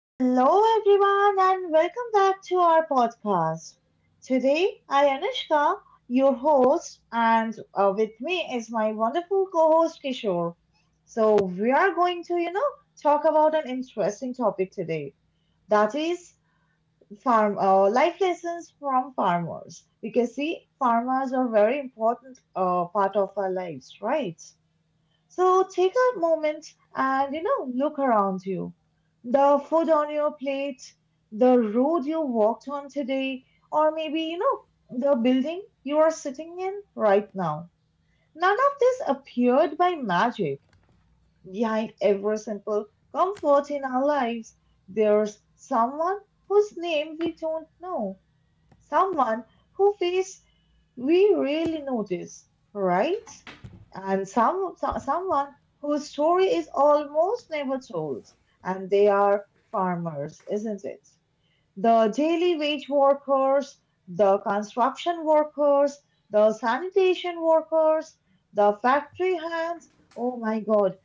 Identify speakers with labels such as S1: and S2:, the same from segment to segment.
S1: Hello, everyone, and welcome back to our podcast. Today, I, Anushka, your host, and with me is my wonderful co host, Kishore. So we are going to talk about an interesting topic today, that is farm life lessons from farmers, because see, farmers are very important part of our lives, right? So take a moment and, you know, look around you. The food on your plate, the road you walked on today, or maybe, you know, the building you are sitting in right now. None of this appeared by magic. Behind every simple comfort in our lives, there's someone whose name we don't know, someone who faced we really notice, right? And someone whose story is almost never told, and they are farmers, isn't it? The daily wage workers, the construction workers, the sanitation workers, the factory hands. Oh my God,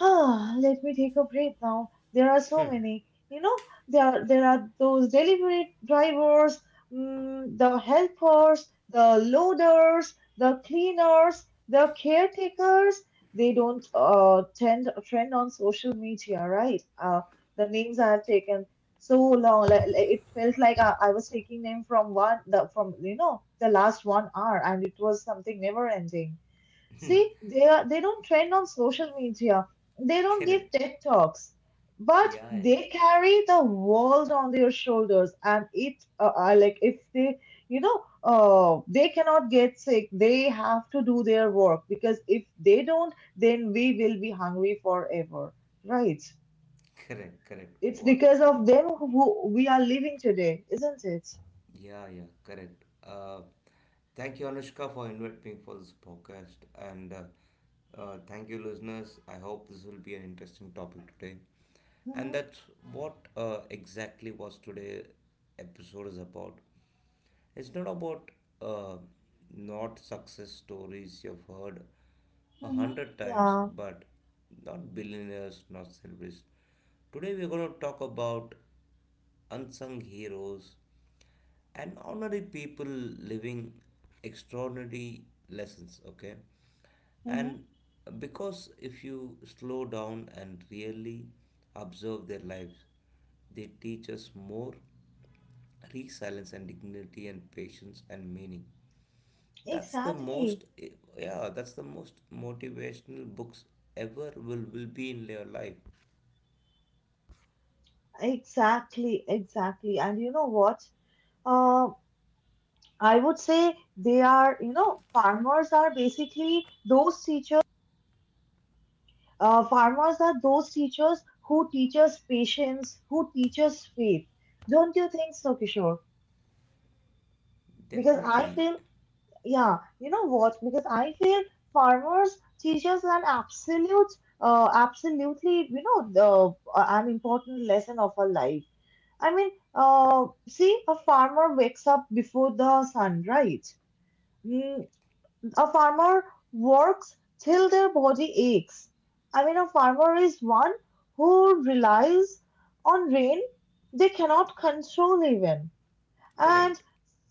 S1: Ah, let me take a breath now. There are so many. You know, there are those delivery drivers, the helpers, the loaders, the cleaners, the caretakers. They don't tend trend on social media, right? The names I have taken so long, it felt like I was taking them from one the from you know the last 1 hour, and it was something never ending. See, they are, they don't trend on social media. They don't give
S2: Correct.
S1: TED talks, but
S2: Yeah, yeah.
S1: they carry the world on their shoulders. Like if they, you know, they cannot get sick. They have to do their work, because if they don't, then we will be hungry forever, right?
S2: Correct, correct.
S1: It's
S2: What?
S1: because of them who we are living today, isn't it?
S2: Yeah, yeah, correct. Thank you, Anushka, for inviting me for this podcast, and thank you, listeners. I hope this will be an interesting topic today, and
S1: Mm-hmm,
S2: that's what exactly was today episode is about. It's not about uh, not success stories you've heard a
S1: mm-hmm,
S2: hundred times,
S1: yeah,
S2: but not billionaires, not celebrities. Today we're going to talk about unsung heroes and ordinary people living extraordinary lessons. Okay,
S1: mm-hmm,
S2: and because if you slow down and really observe their lives, they teach us more resilience and dignity and patience and meaning that's the
S1: exactly.
S2: most, yeah, that's the most motivational books ever will be in your life.
S1: Exactly, exactly. And you know what? Uh, I would say they are, you know, farmers are basically those teachers. Farmers are those teachers who teach us patience, who teach us faith. Don't you think so, Kishore? Because I
S2: Definitely.
S1: feel, yeah, you know what? Because I feel farmers teach us an absolutely, you know, an important lesson of our life. I mean, see, a farmer wakes up before the sun, right? Mm, a farmer works till their body aches. I mean, a farmer is one who relies on rain they cannot control even. And
S2: Correct.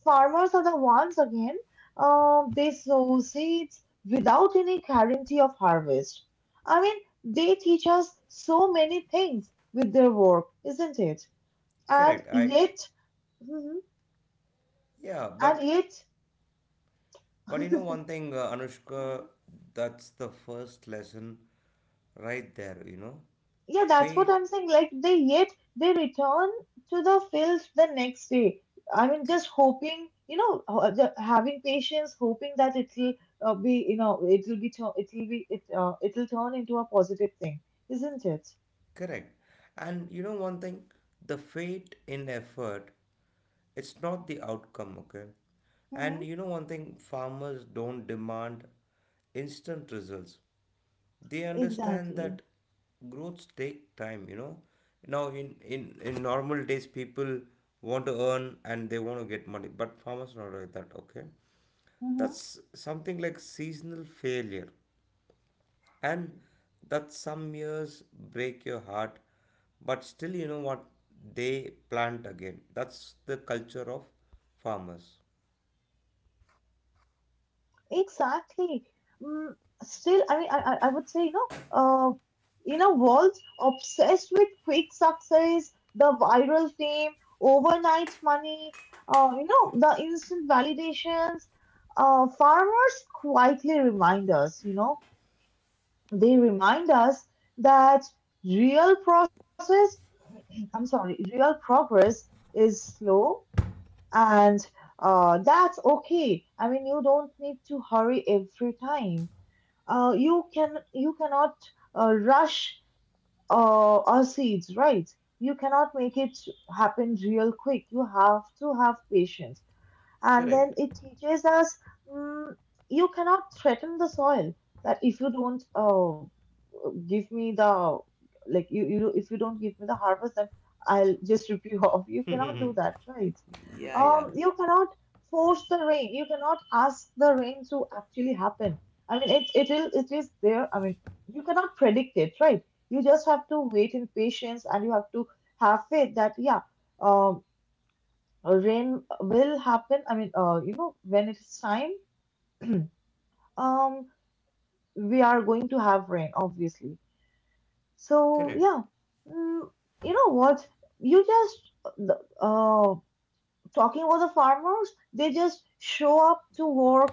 S1: farmers are the ones again, they sow seeds without any guarantee of harvest. I mean, they teach us so many things with their work, isn't it?
S2: Correct.
S1: And yet, Mhm.
S2: Yeah,
S1: and
S2: but you know
S1: yet,
S2: one thing, Anushka, that's the first lesson right there, you know.
S1: Yeah, that's what
S2: Fate.
S1: I'm saying. Like they yet they return to the field the next day. I mean, just hoping, you know, having patience, hoping that it'll be, you know, it'll be, tu- it'll be, it, it'll turn into a positive thing, isn't it?
S2: Correct. And you know one thing, the fate in effort, it's not the outcome, okay?
S1: Mm-hmm.
S2: And you know one thing, farmers don't demand instant results. They understand
S1: Exactly.
S2: that growths take time, you know. Now in normal days people want to earn and they want to get money, but farmers not like that, okay?
S1: Mm-hmm.
S2: That's something like seasonal failure and that some years break your heart but still you know what they plant again that's the culture of farmers.
S1: Exactly. Mm, still, I mean, I would say, you know, uh, in a world obsessed with quick success, the viral fame, overnight money, you know, the instant validations, farmers quietly remind us, you know, they remind us that real process, I'm sorry, real progress is slow, and that's okay. I mean, you don't need to hurry every time. You cannot rush or seeds, right? You cannot make it happen real quick. You have to have patience. And
S2: Correct.
S1: then it teaches us, mm, you cannot threaten the soil that if you don't give me the, like you if you don't give me the harvest, then I'll just rip you off. You cannot do that, right?
S2: Yeah, yeah.
S1: You cannot force the rain. You cannot ask the rain to actually happen. I mean, it is there. I mean, you cannot predict it, right? You just have to wait in patience, and you have to have faith that yeah, um, rain will happen. I mean, you know, when it is time, um, we are going to have rain, obviously. So
S2: Correct.
S1: yeah, mm, you know what? You just the- uh, Talking about the farmers, they just show up to work,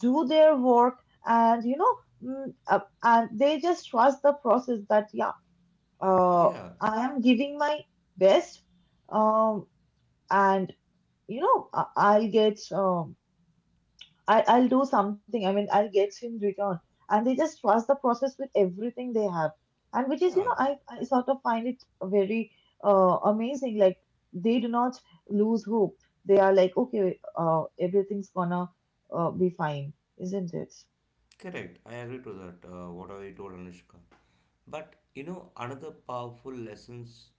S1: do their work, and you know, mm, and they just trust the process that yeah, uh,
S2: Yeah,
S1: I am giving my best, um, and you know, I'll get I'll do something. I mean, I'll get in return. And they just trust the process with everything they have. And which is, you
S2: yeah.
S1: know, I sort of find it very amazing. Like, they do not lose hope. They are like, okay, everything's gonna be fine, isn't it?
S2: Correct. I agree to that, whatever you told Anushka. But you know, another powerful lessons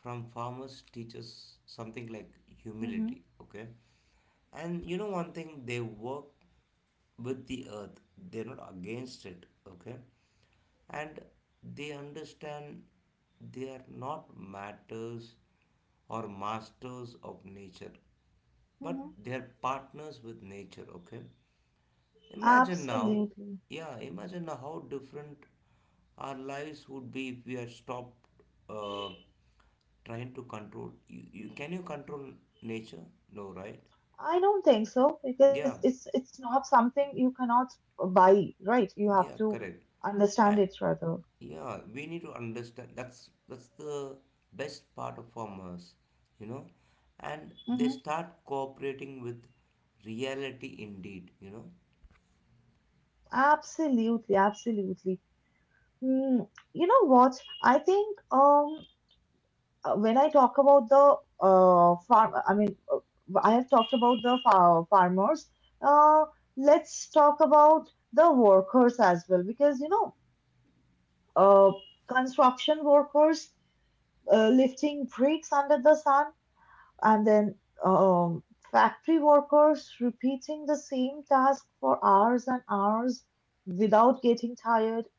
S2: from farmers teaches something like
S1: Mm-hmm.
S2: humility, okay? And you know one thing, they work with the earth. They're not against it, okay? And they understand they are not matters or masters of nature, but
S1: Mm-hmm.
S2: they are partners with nature, okay? Imagine now,
S1: Absolutely.
S2: yeah, imagine now how different our lives would be if we had stopped uh, trying to control. Can you control nature? No, right?
S1: I don't think so, because
S2: Yeah,
S1: it's not something you cannot buy, right? You have
S2: yeah,
S1: to
S2: correct. And
S1: understand it rather.
S2: yeah, we need to understand. That's the best part of farmers, you know, and they
S1: Mm-hmm.
S2: start cooperating with reality indeed. You know,
S1: Absolutely, absolutely. Mm, you know what? I think when I talk about the farm, I mean, I have talked about the farmers. Uh, let's talk about the workers as well, because you know, uh construction workers lifting bricks under the sun, and then um factory workers repeating the same task for hours and hours without getting tired.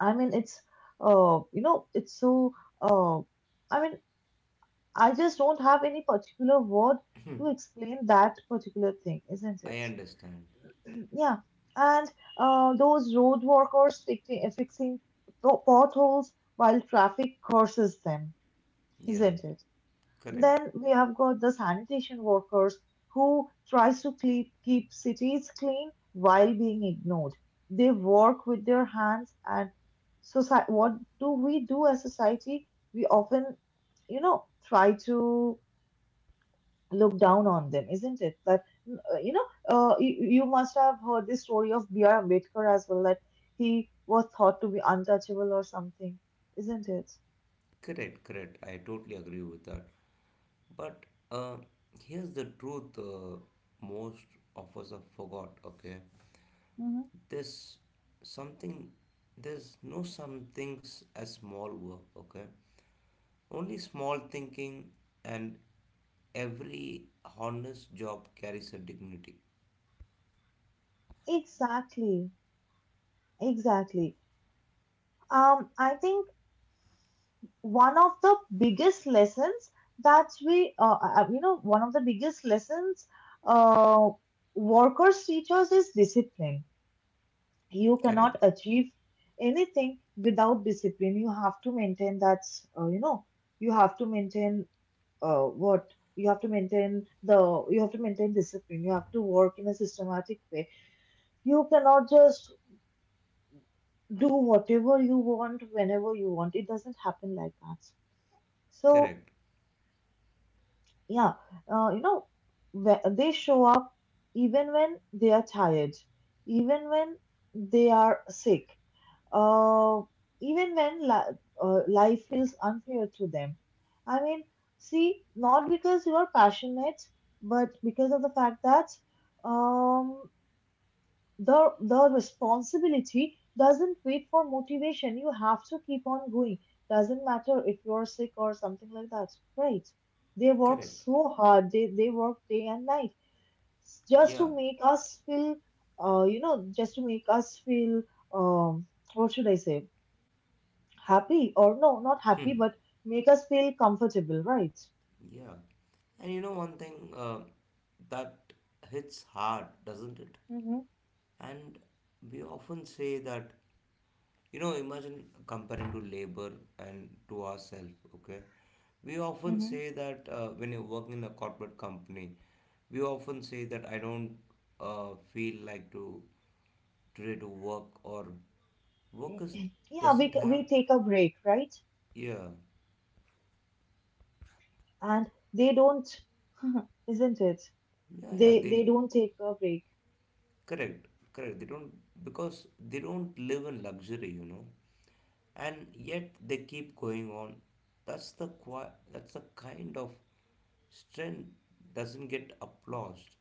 S1: I mean, it's you know, it's so uh, I mean, I just don't have any particular word to explain that particular thing, isn't
S2: I
S1: it?
S2: understand.
S1: Yeah, and those road workers fixing potholes while traffic curses them,
S2: Yeah,
S1: isn't it?
S2: correct.
S1: Then we have got the sanitation workers who tries to keep cities clean while being ignored. They work with their hands, and society, what do we do as society? We often, you know, try to look down on them, isn't it? That, you know, you must have heard the story of B.R. Ambedkar as well, that he was thought to be untouchable or something, isn't it?
S2: Correct, correct. I totally agree with that. But uh, here's the truth, most of us have forgot, okay?
S1: hmm.
S2: There's something, there's no some things as small work, okay? Only small thinking and every honest job carries a dignity.
S1: Exactly, exactly. Um, I think one of the biggest lessons that you know, one of the biggest lessons uh, workers teach us is discipline. You cannot
S2: Correct,
S1: achieve anything without discipline. You have to maintain that, you know, you have to maintain uh, what you have to maintain the you have to maintain discipline. You have to work in a systematic way. You cannot just do whatever you want whenever you want. It doesn't happen like that. So
S2: correct,
S1: yeah, you know, they show up even when they are tired, even when they are sick, uh, even when life feels unfair to them. I mean, see, not because you are passionate, but because of the fact that, um, the responsibility doesn't wait for motivation. You have to keep on going, doesn't matter if you're sick or something like that, right? They work
S2: correct.
S1: so hard, they work day and night, just
S2: Yeah,
S1: to make us feel, you know, just to make us feel, um what should I say, happy or no, not
S2: yeah.
S1: happy, but make us feel comfortable, right?
S2: And you know one thing, that hits hard, doesn't it?
S1: Mm-hmm,
S2: And we often say that, you know, imagine comparing to labor and to ourselves, okay? We often
S1: mm-hmm.
S2: say that when you work in a corporate company, we often say that I don't feel like to today to work or workers
S1: Yeah,
S2: doesn't have
S1: we take a break, right,
S2: yeah,
S1: and they don't. Isn't it?
S2: yeah, yeah, they
S1: They don't take a break.
S2: correct. Correct, they don't because they don't live in luxury you know and yet they keep going on. That's the kind of strength doesn't get applauded,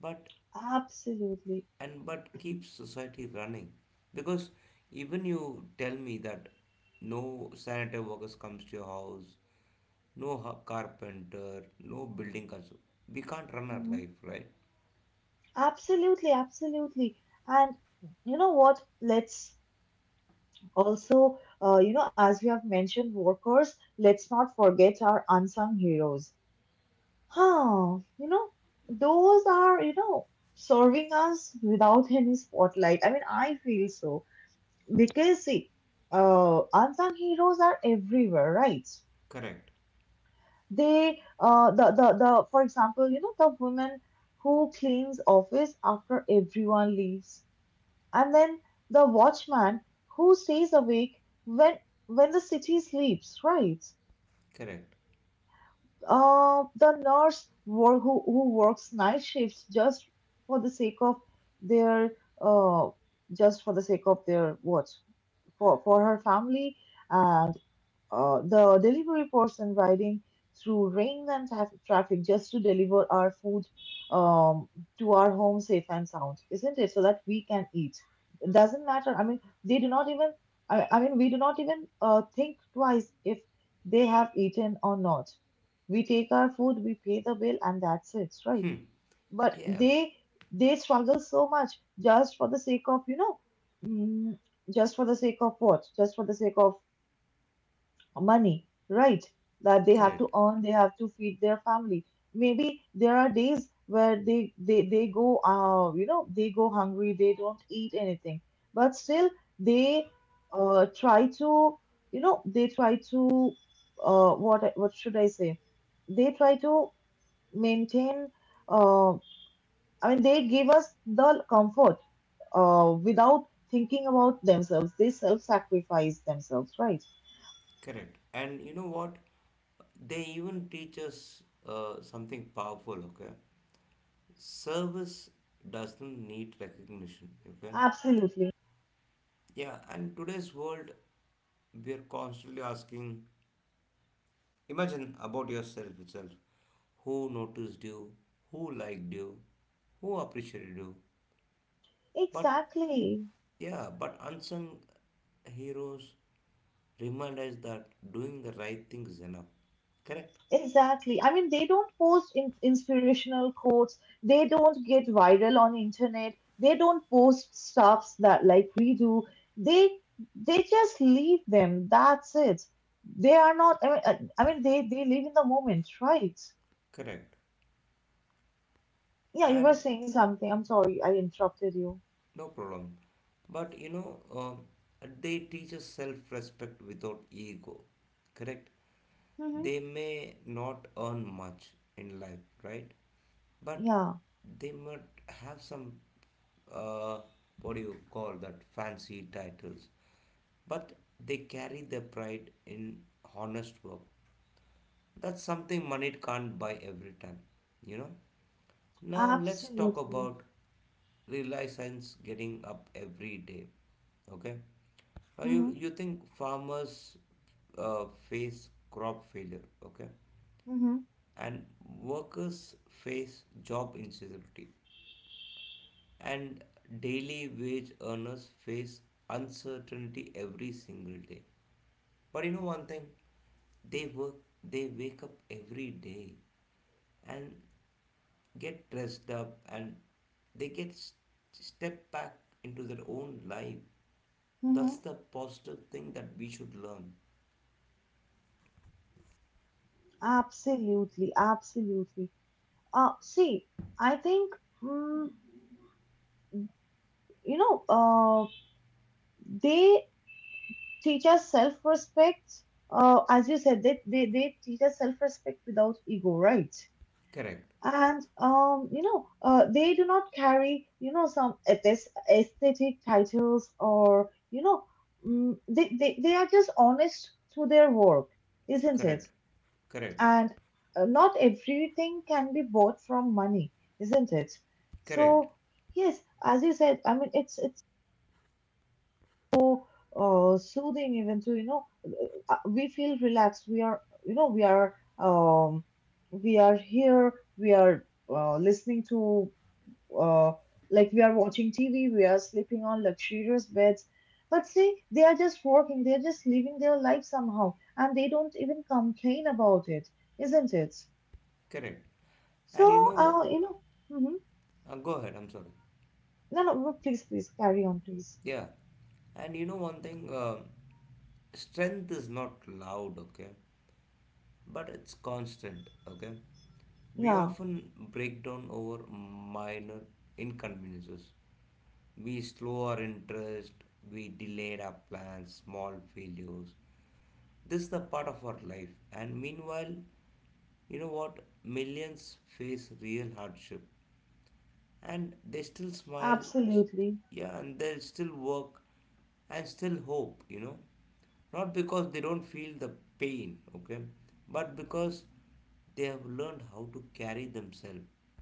S2: but
S1: Absolutely.
S2: and but keeps society running. Because even you tell me that no sanitary workers comes to your house, carpenter, no building construction, we can't run our
S1: Mhm.
S2: life, right?
S1: Absolutely, absolutely. And you know what? Let's also, you know, as we have mentioned workers, let's not forget our unsung heroes. Huh, you know, those are, you know, serving us without any spotlight. I mean, I feel so. Because see, unsung heroes are everywhere, right?
S2: Correct.
S1: They the for example, you know, the woman who cleans office after everyone leaves, and then the watchman who stays awake when when the city sleeps, right?
S2: Correct.
S1: The nurse who works night shifts just for the sake of their, uh, just for the sake of their what, for her family, and the delivery person riding through rain and traffic just to deliver our food, um, to our home safe and sound, isn't it? So that we can eat. It doesn't matter. I mean, they do not even, I mean, we do not even think twice if they have eaten or not. We take our food, we pay the bill, and that's it, right?
S2: Hmm.
S1: But
S2: Yeah.
S1: they struggle so much just for the sake of, you know, mm, just for the sake of what? Just for the sake of money, right? That they have to
S2: Correct.
S1: earn, they have to feed their family. Maybe there are days where they go, you know, they go hungry, they don't eat anything, but still they try to, you know, they try to, what should I say? They try to maintain, uh I mean, they give us the comfort without thinking about themselves. They self-sacrifice themselves, right?
S2: Correct. And you know what? They even teach us something powerful. Okay. Service doesn't need recognition, okay?
S1: Absolutely.
S2: Yeah, and today's world, we are constantly asking imagine about yourself itself who noticed you, who liked you, who appreciated you. But
S1: Exactly.
S2: yeah, but unsung heroes remind us that doing the right thing is enough. Correct?
S1: Exactly. I mean, they don't post in inspirational quotes. They don't get viral on internet. They don't post stuffs that like we do. They they just leave them. That's it. They are not. I mean, they live in the moment, right?
S2: Correct.
S1: Yeah, you were
S2: And
S1: saying something. I'm sorry, I interrupted you.
S2: no problem. But you know, they teach us self respect without ego. Correct?
S1: Mm-hmm.
S2: They may not earn much in life, right? But
S1: Yeah,
S2: they might have some, uh, what do you call that, fancy titles. But they carry their pride in honest work. That's something money can't buy every time, you know? Now let's talk
S1: absolutely.
S2: about reliance getting up every day, okay? Now you,
S1: Mm-hmm.
S2: you think farmers face crop failure, okay?
S1: Mm-hmm.
S2: And workers face job insecurity and daily wage earners face uncertainty every single day but you know one thing they work they wake up every day and get dressed up and they get s- step back into their own life. That's
S1: Mm-hmm.
S2: the positive thing that we should learn.
S1: Absolutely. Absolutely. See, I think. Mm, you know, uh, they teach us self respect. As you said, they teach us self respect without ego, right?
S2: Correct,
S1: And, they do not carry, you know, some aesthetic titles or, they are just honest to their work, isn't it?
S2: correct, correct,
S1: And not everything can be bought from money, isn't it?
S2: correct,
S1: So, yes, as you said, I mean, it's so soothing even to we feel relaxed we are you know we are here we are listening to uh, like we are watching TV, we are sleeping on luxurious beds. But see, they are just working, they are just living their life somehow, and they don't even complain about it, isn't it?
S2: correct.
S1: So
S2: And you know,
S1: you know. Mhm.
S2: go ahead, I'm sorry.
S1: No, no, no, please, please carry on, please.
S2: Yeah, and you know one thing, strength is not loud, okay, but it's constant, okay. We
S1: Yeah,
S2: often break down over minor inconveniences. We slow our interest, we delayed our plans, small failures. This is the part of our life, and meanwhile, you know what? Millions face real hardship and they still smile s-
S1: absolutely.
S2: yeah and they still work and still hope you know not because they don't feel the pain okay but because they have learned how to carry themselves.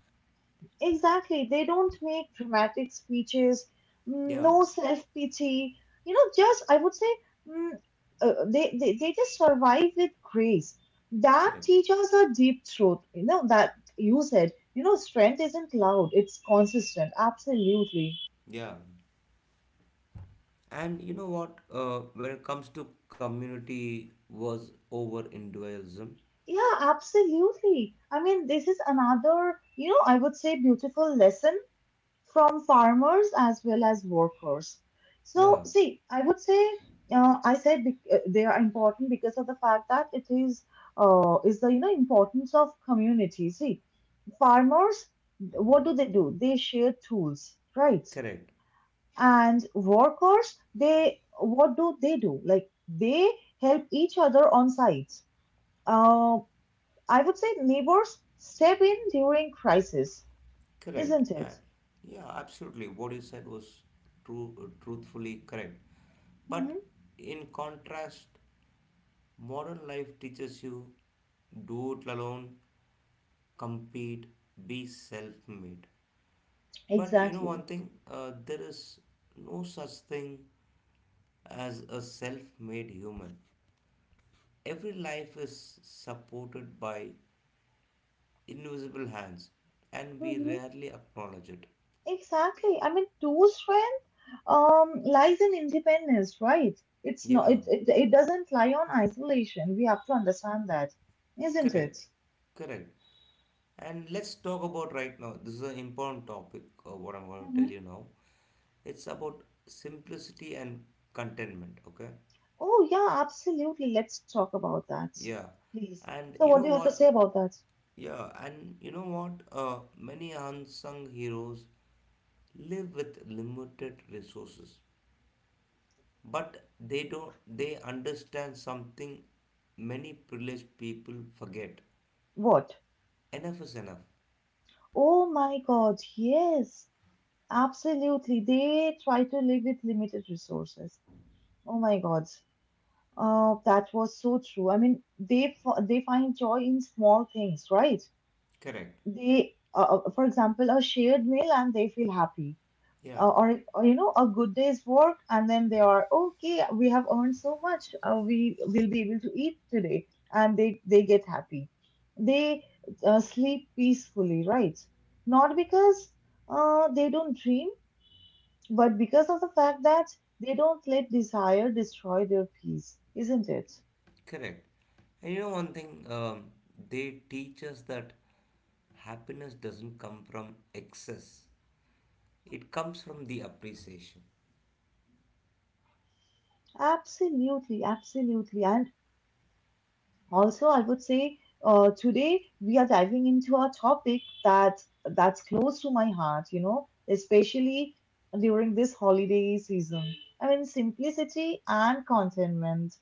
S1: Exactly. They don't make dramatic speeches,
S2: Yeah,
S1: no self-pity. You know, just I would say mm, they they just survive with grace. That
S2: correct.
S1: teaches a deep truth. You know that you said. You know, strength isn't loud. It's consistent. Absolutely.
S2: Yeah, and you know what, when it comes to community was over individualism.
S1: Yeah, absolutely. I mean, this is another, you know, I would say beautiful lesson from farmers as well as workers.
S2: Yeah,
S1: So, see, I would say I said they are important because of the fact that it is the you know importance of community. See, farmers, what do? They share tools, right?
S2: correct.
S1: And workers, they what do they do? Like they help each other on site. Uh, I would say neighbors step in during crisis,
S2: Correct.
S1: isn't
S2: And
S1: it?
S2: yeah, absolutely. What you said was truthfully correct. But
S1: Hmm.
S2: in contrast, modern life teaches you do it alone, compete, be self made. But you know one
S1: Exactly.
S2: thing, there is no such thing as a self made human. Every life is supported by invisible hands, and we
S1: Mm-hmm.
S2: rarely acknowledge it.
S1: Exactly. I mean, true strength lies in independence, right? It's not.
S2: Yeah,
S1: It doesn't lie on isolation. We have to understand that, isn't it?
S2: correct, correct. And let's talk about right now. This is an important topic of what I'm going to tell
S1: Hmm.
S2: you now. It's about simplicity and contentment. Okay.
S1: Oh yeah, absolutely. Let's talk about that,
S2: Yeah.
S1: please.
S2: And
S1: So,
S2: you
S1: what do
S2: know
S1: you have to
S2: what?
S1: say about that?
S2: Yeah. And you know what? Many unsung heroes live with limited resources, but they don't. They understand something many privileged people forget.
S1: What?
S2: Enough is enough.
S1: Oh my God, yes, absolutely. They try to live with limited resources. Oh my God. That was so true. I mean, they find joy in small things, right?
S2: Correct.
S1: They for example, a shared meal, and they feel happy,
S2: Yeah.
S1: or you know, a good day's work, and then they are okay, we have earned so much, we will be able to eat today, and they get happy. They sleep peacefully, right? Not because they don't dream, but because of the fact that they don't let desire destroy their peace, isn't it?
S2: Correct. And you know one thing, they teach us that happiness doesn't come from excess. It comes from the appreciation.
S1: Absolutely, absolutely. And also, I would say today we are diving into a topic that that's close to my heart, you know, especially during this holiday season. I mean, simplicity and contentment.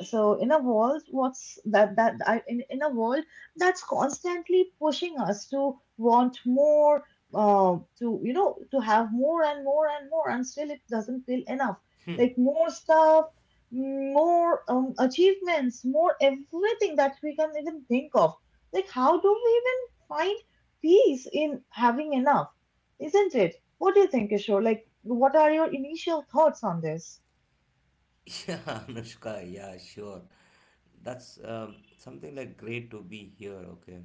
S1: So in a world, what's that that I, in a world that's constantly pushing us to want more, to you know to have more and more and more, and still it doesn't feel enough, like more stuff, more achievements, more everything that we can even think of. Like how do we even find peace in having enough, isn't it? What do you think, Kishore? Like what are your initial thoughts on this?
S2: Yeah, Anushka, yeah, sure. That's something like great to be here, okay?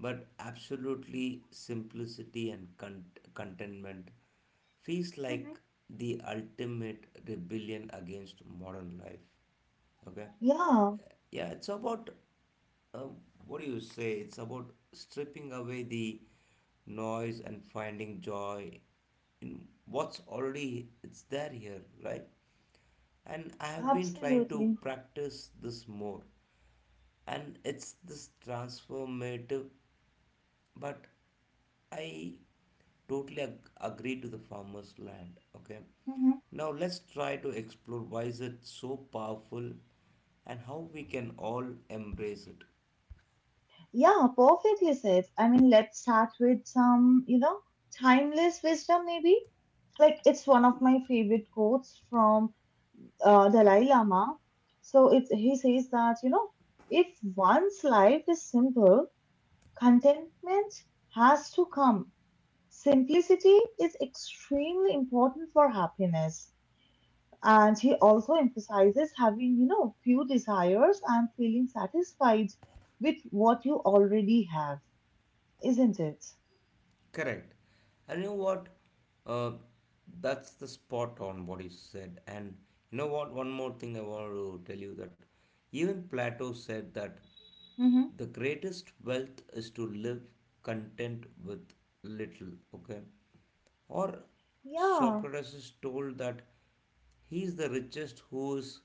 S2: But absolutely simplicity and contentment feels like
S1: Hmm,
S2: the ultimate rebellion against modern life. Okay,
S1: yeah,
S2: yeah, it's about uh, what do you say? It's about stripping away the noise and finding joy in what's already it's there here, right? And I have been trying
S1: absolutely.
S2: to practice this more, and it's this transformative but I totally agree to the farmer's land. Okay,
S1: Mhm.
S2: now let's try to explore why is it so powerful and how we can all embrace it.
S1: Yeah, perfectly you said. I mean, let's start with some, you know, timeless wisdom, maybe. Like, it's one of my favorite quotes from Dalai Lama. So, it's, he says that, you know, if one's life is simple, contentment has to come. Simplicity is extremely important for happiness. And he also emphasizes having, you know, few desires and feeling satisfied with what you already have, isn't it?
S2: Correct. And you know what? Uh, that's the spot on what you said. And you know what? One more thing I want to tell you that even Plato said that
S1: Mm-hmm.
S2: the greatest wealth is to live content with little, okay, or
S1: Yeah.
S2: Socrates is told that he is the richest who is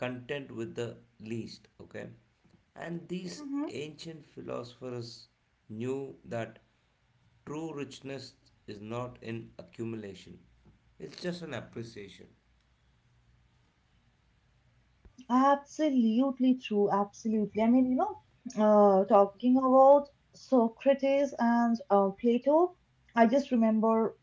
S2: content with the least, okay, and these
S1: Mm-hmm.
S2: ancient philosophers knew that true richness is not in accumulation, it's just an appreciation.
S1: Absolutely true. Absolutely. I mean, you know, talking about Socrates and Plato, I just remember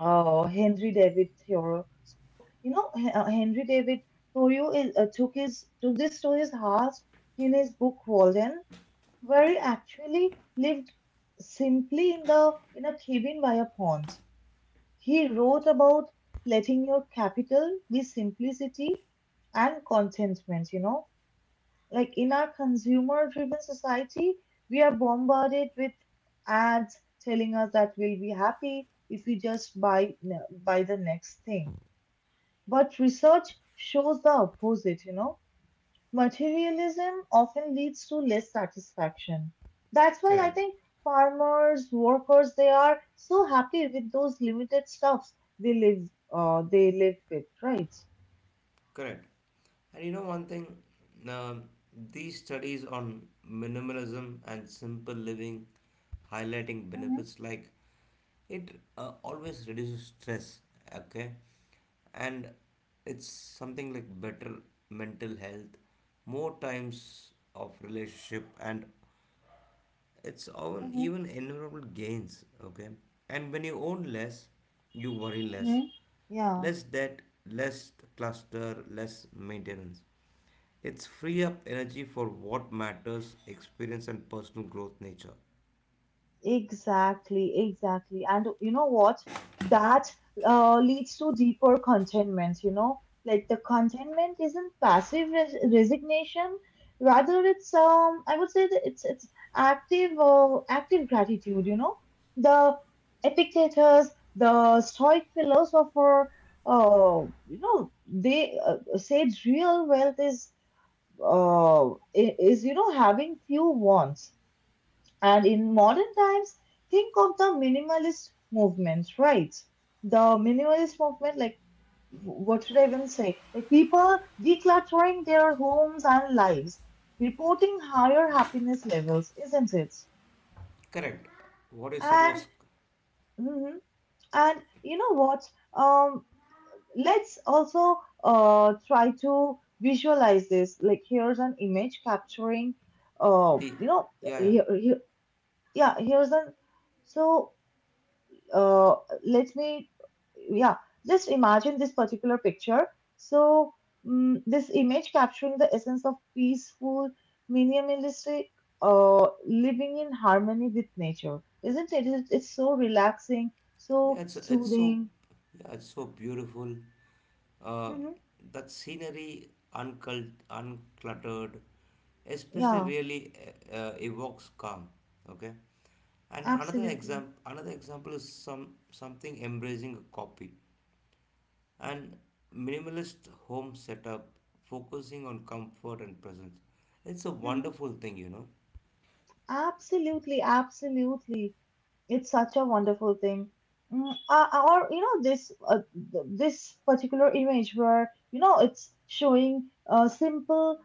S1: Henry David Thoreau. So, you know, Henry David Thoreau is, took his took this to his heart in his book Walden, where he actually lived simply in the in a cabin by a pond. He wrote about letting your capital be simplicity and contentment, you know. Like in our consumer driven society, we are bombarded with ads telling us that we'll be happy if we just buy the next thing. But research shows the opposite, you know. Materialism often leads to less satisfaction. That's why I
S2: Correct.
S1: think farmers, workers, they are so happy with those limited stuffs they live, they live with, right?
S2: Correct. And you know one thing, um, these studies on minimalism and simple living, highlighting
S1: Mm-hmm,
S2: benefits like it always reduces stress. Okay, and it's something like better mental health, more times of relationship, and it's often
S1: mm-hmm,
S2: even environmental gains. Okay, and when you own less, you worry less.
S1: mm-hmm. Yeah.
S2: Less debt, less cluster, less maintenance. It's free up energy for what matters, experience and personal growth nature.
S1: Exactly, exactly. And you know what? That leads to deeper contentment, you know? Like the contentment isn't passive resignation, rather it's I would say that it's active active gratitude, you know? The Epictetus, the Stoic philosopher, you know, they said real wealth is uh i- is you know having few wants. And in modern times, think of the minimalist movement, right? The minimalist movement, like, what should I even say? Like, people decluttering their homes and lives, reporting higher happiness levels, isn't it?
S2: Correct. What you said
S1: And,
S2: was
S1: mhm, and you know what? Um, let's also try to visualize this. Like, here's an image capturing,
S2: the.
S1: you know,
S2: yeah yeah
S1: here, here, yeah, here's an, so uh, let me, yeah, just imagine this particular picture. So, this image capturing the essence of peaceful, minimalistic living in harmony with nature, isn't it? It's so relaxing,
S2: yeah,
S1: so
S2: it's
S1: soothing.
S2: yeah it's so beautiful. Uh,
S1: Hmm.
S2: that scenery uncluttered, especially
S1: Yeah,
S2: really evokes calm. Okay. And
S1: absolutely.
S2: another example is some something embracing a copy. And minimalist home setup focusing on comfort and presence, it's a
S1: Mm-hmm.
S2: wonderful thing you know.
S1: Absolutely, absolutely. It's such a wonderful thing. Or you know this this particular image where you know it's showing simple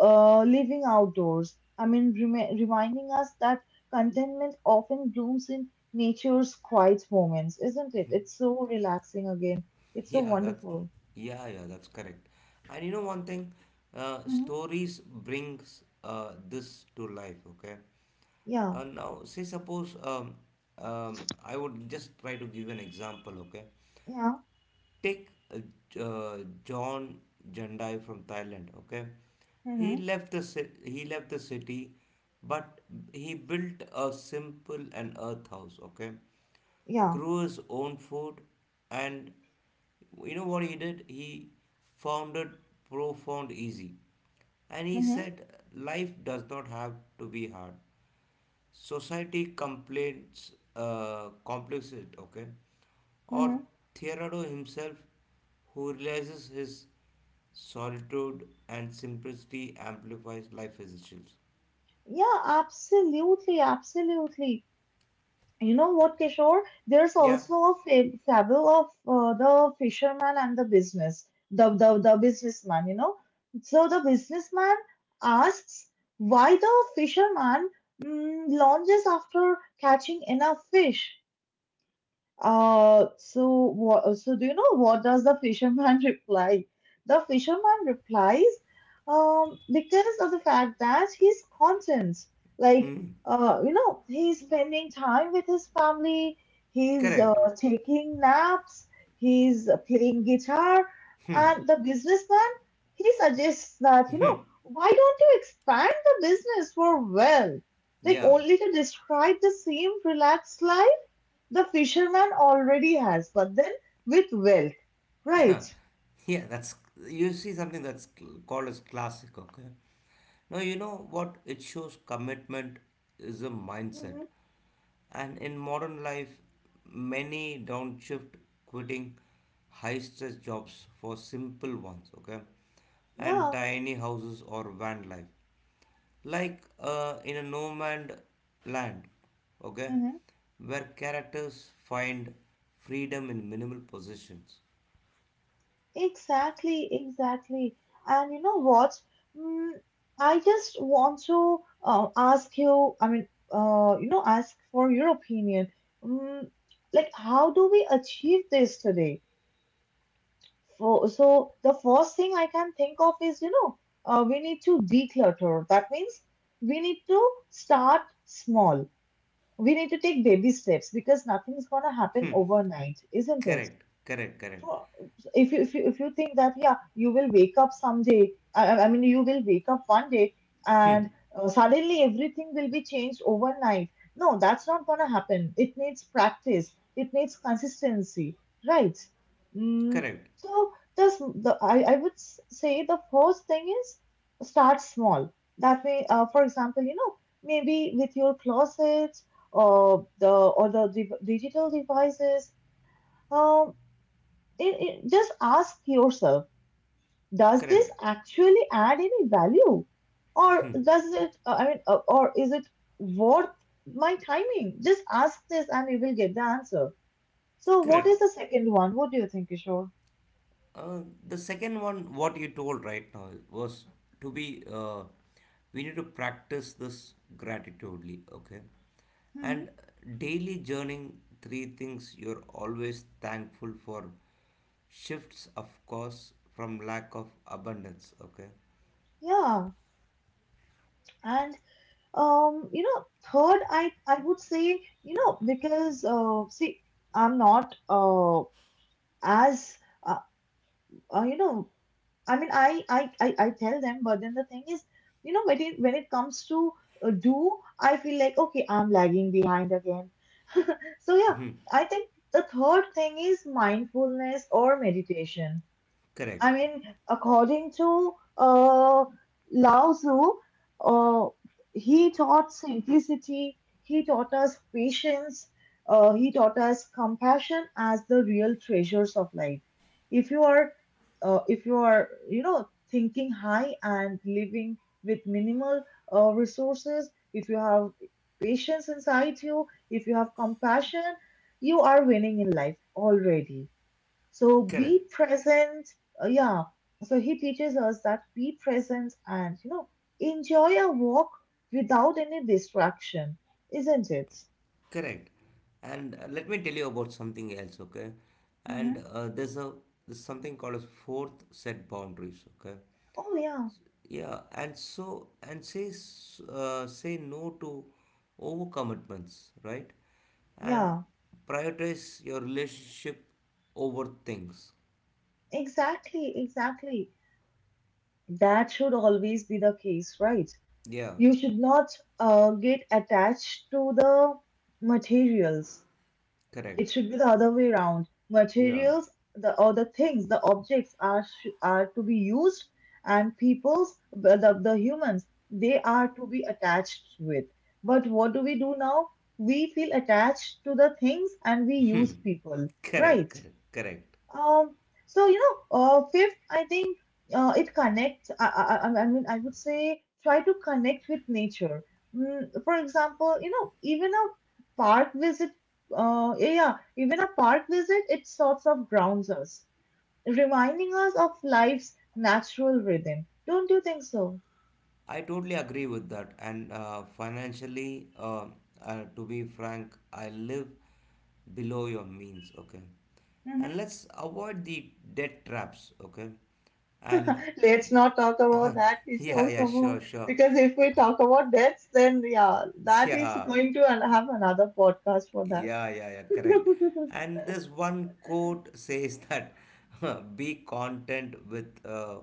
S1: living outdoors. I mean, reminding us that contentment often blooms in nature's quiet moments, isn't it? It's so relaxing again. It's so
S2: yeah that's
S1: wonderful.
S2: yeah, yeah, that's correct. And you know one thing,
S1: Hmm.
S2: stories brings this to life, okay.
S1: Yeah,
S2: Now say suppose I would just try to give an example, okay.
S1: yeah.
S2: Take uh, J- uh, John Jandai from Thailand. Okay,
S1: Mm-hmm.
S2: he left the city, but he built a simple and earth house. Okay,
S1: Yeah.
S2: grew his own food, and you know what he did? He founded profound easy, and he
S1: Mm-hmm.
S2: said life does not have to be hard, society complains complex it, okay, or
S1: Mm-hmm.
S2: Theodore himself who realizes his solitude and simplicity amplifies life essentials.
S1: Yeah, absolutely, absolutely. You know what, Kishore? There's
S2: Yeah,
S1: also a fable of the fisherman and the businessman. You know, so the businessman asks why the fisherman launches after catching enough fish, so do you know what does the fisherman reply? The fisherman replies, because of the fact that he's content. Like, you know, he's spending time with his family, he's
S2: correct.
S1: taking naps, he's playing guitar, and the businessman, he suggests that, you know, why don't you expand the business for well? Like
S2: Yeah,
S1: only to describe the same relaxed life the fisherman already has, but then with wealth, right?
S2: yeah. that's You see something that's called as classic, okay. Now you know what it shows commitment is a
S1: Mm-hmm.
S2: mindset. And in modern life, many downshift quitting high stress jobs for simple ones, okay? And
S1: Yeah.
S2: tiny houses or van life. Like in a no man's land, okay?
S1: Mm-hmm.
S2: Where characters find freedom in minimal possessions.
S1: Exactly. Exactly. And you know what? Mm, I just want to ask you. I mean, you know, ask for your opinion. Mm, like, how do we achieve this today? For, so the first thing I can think of is, you know, we need to declutter. That means we need to start small. We need to take baby steps because nothing's going to happen
S2: Hmm.
S1: overnight, isn't it?
S2: Correct, correct, correct,
S1: Huh. If you if you think that yeah you will wake up someday I mean you will wake up one day and suddenly everything will be changed overnight. No, that's not going to happen. It needs practice, it needs consistency, right? Mm,
S2: correct,
S1: so this the I would say the first thing is start small. That way for example, you know, maybe with your closets or the or the div digital devices. Um. Just ask yourself, does this
S2: correct,
S1: actually add any value? Or does it, or is it worth my timing? Just ask this and you will get the answer. So, what
S2: correct.
S1: is the second one? What do you think, Kishore?
S2: Uh, the second one, what you told right now, was to be, we need to practice this gratitudely, okay?
S1: Hmm.
S2: And daily journaling three things you're always thankful for shifts, of course, from lack of abundance, okay?
S1: Yeah. And, you know, third, I would say, you know, because, see, I'm not as, uh, you know, I mean, I tell them, but then the thing is, you know, when it comes to uh, do, I feel like, okay, I'm lagging behind again. So, yeah, I think the third thing is mindfulness or meditation. I
S2: Correct,
S1: mean, according to Lao Tzu, uh, he taught simplicity, he taught us patience, he taught us compassion as the real treasures of life. If you are, if you are, you know, thinking high and living with minimal resources, if you have patience inside you, if you have compassion, you are winning in life already, so
S2: correct,
S1: be present. Yeah. So he teaches us that be present and, you know, enjoy a walk without any distraction, isn't it?
S2: correct. And let me tell you about something else, okay? And
S1: Mm-hmm.
S2: there's something called as fourth set boundaries, okay?
S1: Oh, yeah.
S2: Yeah, and say no to overcommitments, right? And
S1: Yeah.
S2: prioritize your relationship over things.
S1: Exactly. Exactly. That should always be the case, right?
S2: Yeah,
S1: You should not get attached to the materials. It
S2: correct.
S1: should be the other way around.
S2: Yeah,
S1: Materials, the or the things, the objects are are to be used, and peoples, the humans, they are to be attached with. But what do we do now? We feel attached to the things and we use people,
S2: correct,
S1: right?
S2: correct, correct.
S1: Um, so you know, fifth, I think it connects. I mean, I would say try to connect with nature. Mm, for example, you know, even a park visit. Yeah, yeah, even a park visit, it sorts of grounds us, reminding us of life's natural rhythm. Don't you think so?
S2: I totally agree with that. And financially, to be frank, I live below your means, okay? And
S1: Hmm.
S2: let's avoid the debt traps, okay? And
S1: Let's not talk about that,
S2: yeah,
S1: Kishore.
S2: yeah,
S1: Come
S2: sure,
S1: on,
S2: sure.
S1: because if we talk about deaths, then yeah, that is
S2: Yeah,
S1: going to have another podcast for that.
S2: yeah, yeah, yeah, correct. And this one quote says that be content with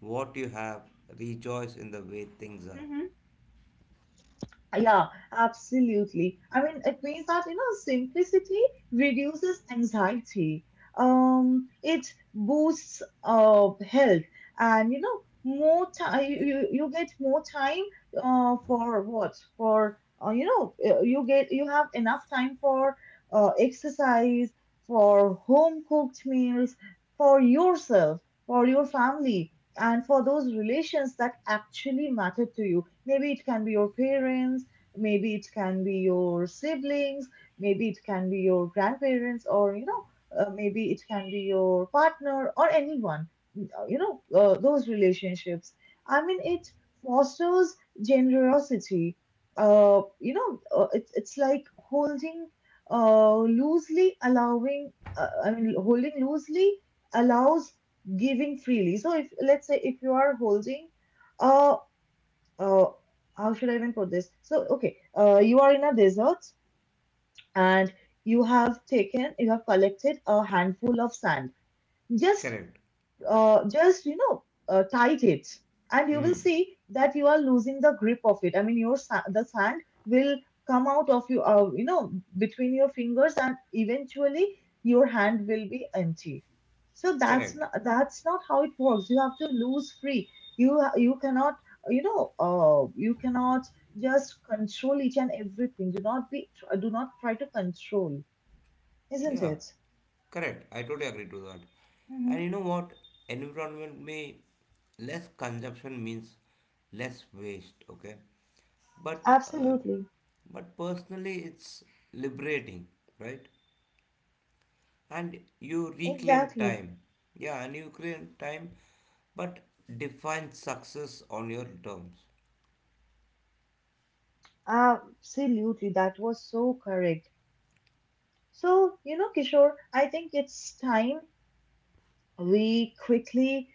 S2: what you have, rejoice in the way things
S1: Hı
S2: are.
S1: hı. Yeah, absolutely. I mean, it means that, you know, simplicity reduces anxiety. It boosts health, and you know more time you get more time for what? For you know you get you have enough time for exercise, for home cooked meals, for yourself, for your family. And for those relations that actually matter to you, maybe it can be your parents, maybe it can be your siblings, maybe it can be your grandparents, or you know, maybe it can be your partner or anyone. You know, those relationships. I mean, it fosters generosity. You know, it's like holding loosely, allowing. I mean, holding loosely allows giving freely. So if let's say if you are holding uh uh, how should I even put this? So, okay, you are in a desert and you have taken, you have collected a handful of sand, just
S2: Correct.
S1: just you know tight it, and you will
S2: Mm,
S1: see that you are losing the grip of it. I mean your the sand will come out of you you know between your fingers, and eventually your hand will be empty. So
S2: correct.
S1: that's not, that's not how it works. You have to lose free. You you cannot, you know you cannot just control each and everything. Do not try to control, isn't
S2: Yeah,
S1: it?
S2: correct. I totally agree to that.
S1: Hmm.
S2: And you know what? Environment may less consumption means less waste. Okay, but um
S1: Absolutely.
S2: but personally, it's liberating, right? And you reclaim
S1: Exactly.
S2: time. Yeah, and you claim time, but define success on your terms.
S1: Absolutely, that was so correct. So, you know, Kishore, I think it's time we quickly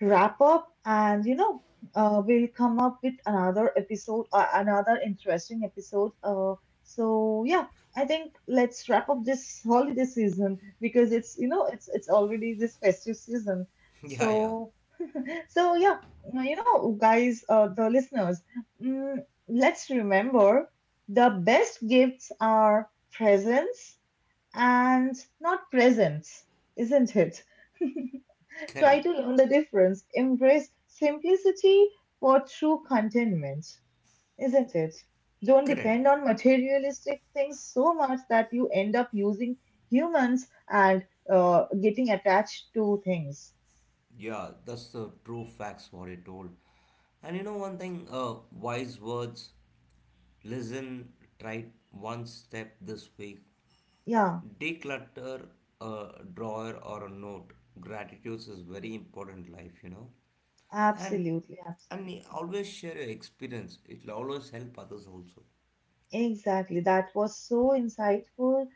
S1: wrap up and, you know, we'll come up with another episode, another interesting episode. So yeah, I think let's wrap up this holiday season because it's, you know, it's already this festive season.
S2: Yeah, yeah,
S1: So so yeah, you know, guys, the listeners, mm, let's remember the best gifts are presents and not presents, isn't it? Try
S2: correct,
S1: to learn the difference. Embrace simplicity for true contentment, isn't it? Don't
S2: correct.
S1: depend on materialistic things so much that you end up using humans and getting attached to things.
S2: Yeah, that's the true facts what it told. And you know one thing, wise words, listen, try one step this week,
S1: Yeah,
S2: declutter a drawer or a note. Gratitude is very important life, you know. And
S1: absolutely,
S2: and
S1: absolutely.
S2: you always share your experience. It'll always help others also.
S1: Exactly. That was so insightful.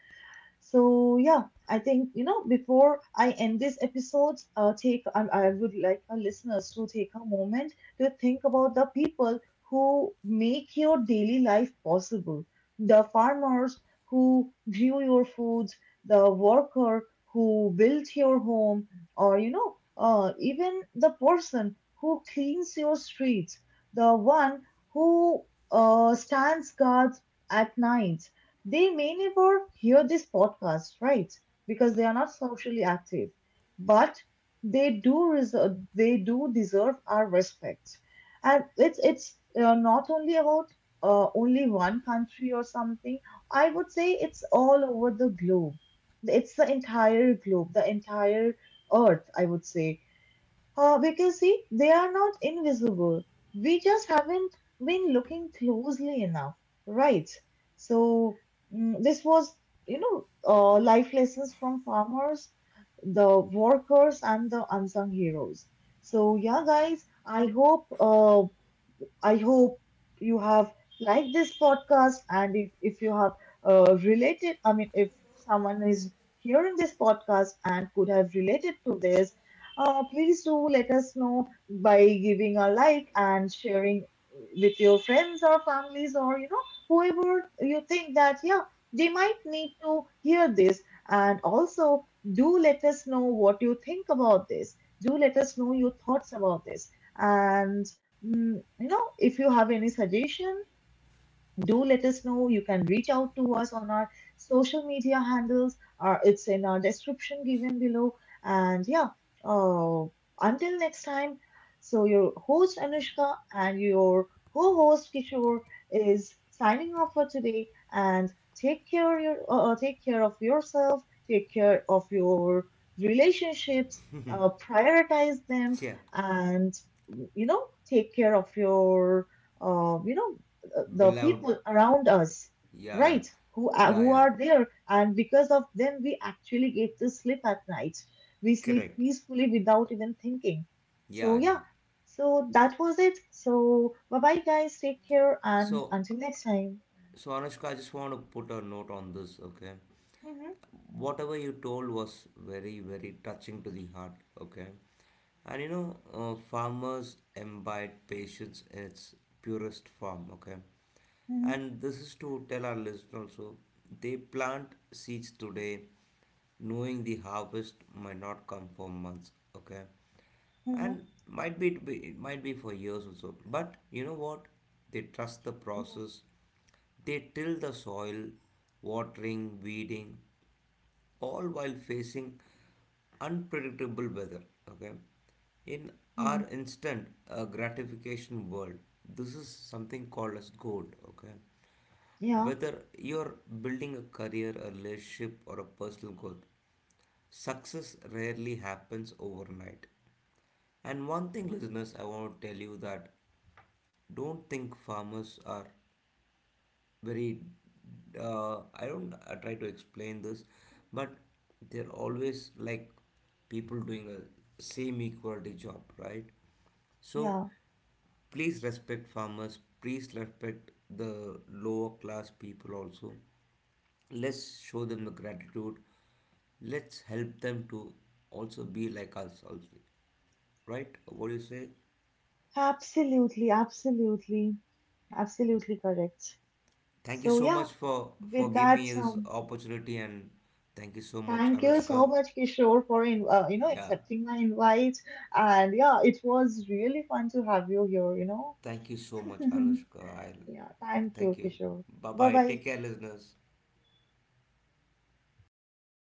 S1: So yeah, I think you know before I end this episode, take I would like our listeners to take a moment to think about the people who make your daily life possible. The farmers who grew your food, the worker who built your home, or you know, even the person who cleans your streets, the one who stands guard at night. They may never hear this podcast, right? Because they are not socially active, but they do reserve, they do deserve our respect. And it's not only about only one country or something. I would say it's all over the globe. It's the entire globe, the entire earth, I would say, because see, they are not invisible. We just haven't been looking closely enough, right? So mm, this was, you know, life lessons from farmers, the workers, and the unsung heroes. So yeah, guys, I hope you have liked this podcast. And if you have related, I mean, if someone is hearing this podcast and could have related to this, please do let us know by giving a like and sharing with your friends or families or, you know, whoever you think that, yeah, they might need to hear this. And also, do let us know what you think about this. Do let us know your thoughts about this. And mm, you know, if you have any suggestion, do let us know. You can reach out to us on our social media handles. Our, it's in our description given below. And yeah, uh, until next time. So your host Anushka and your co-host Kishore is signing off for today. And take care your take care of yourself. Take care of your relationships. Prioritize them,
S2: Yeah.
S1: and you know, take care of your you know the
S2: Beloved.
S1: people around us,
S2: Yeah, yeah.
S1: right? Who are,
S2: Yeah,
S1: who
S2: yeah.
S1: are there, and because of them, we actually get to sleep at night. We sleep
S2: Correct.
S1: peacefully without even thinking.
S2: Yeah,
S1: So
S2: yeah.
S1: yeah, so that was it. So bye bye, guys. Take care, and
S2: So,
S1: until next time.
S2: so Anushka, I just want to put a note on this, okay?
S1: Mhm,
S2: Whatever you told was very touching to the heart, okay, and you know, farmers imbibe patience in its purest form, okay,
S1: mhm,
S2: and this is to tell our listeners also they plant seeds today knowing the harvest might not come for months, okay,
S1: mhm,
S2: and might be it might be for years also but you know what they trust the
S1: yeah,
S2: process, they till the soil, watering, weeding, all while facing unpredictable weather. Okay, in our
S1: mhm.
S2: instant gratification world, this is something called as gold. Okay,
S1: Yeah,
S2: whether you're building a career, a relationship, or a personal goal, success rarely happens overnight. And one thing, listeners, I want to tell you that don't think farmers are very I don't try to explain this but they're always like people doing a same equality job right so
S1: yeah.
S2: please respect farmers, please respect the lower class people also, let's show them the gratitude, let's help them to also be like us also, right, what do you say?
S1: Absolutely, absolutely, absolutely correct.
S2: Thank you
S1: So
S2: so
S1: yeah,
S2: much for
S1: with
S2: giving
S1: that,
S2: me this opportunity and thank you so much
S1: thank you so
S2: Anushka.
S1: much, Kishore, for in, you know
S2: Yeah.
S1: accepting my invite. And yeah, it was really fun to have you here. You know,
S2: Thank you so much, Anushka. I'll
S1: yeah. Thank you,
S2: thank you.
S1: Kishore.
S2: Bye
S1: Bye
S2: bye.
S1: bye.
S2: Take care, listeners.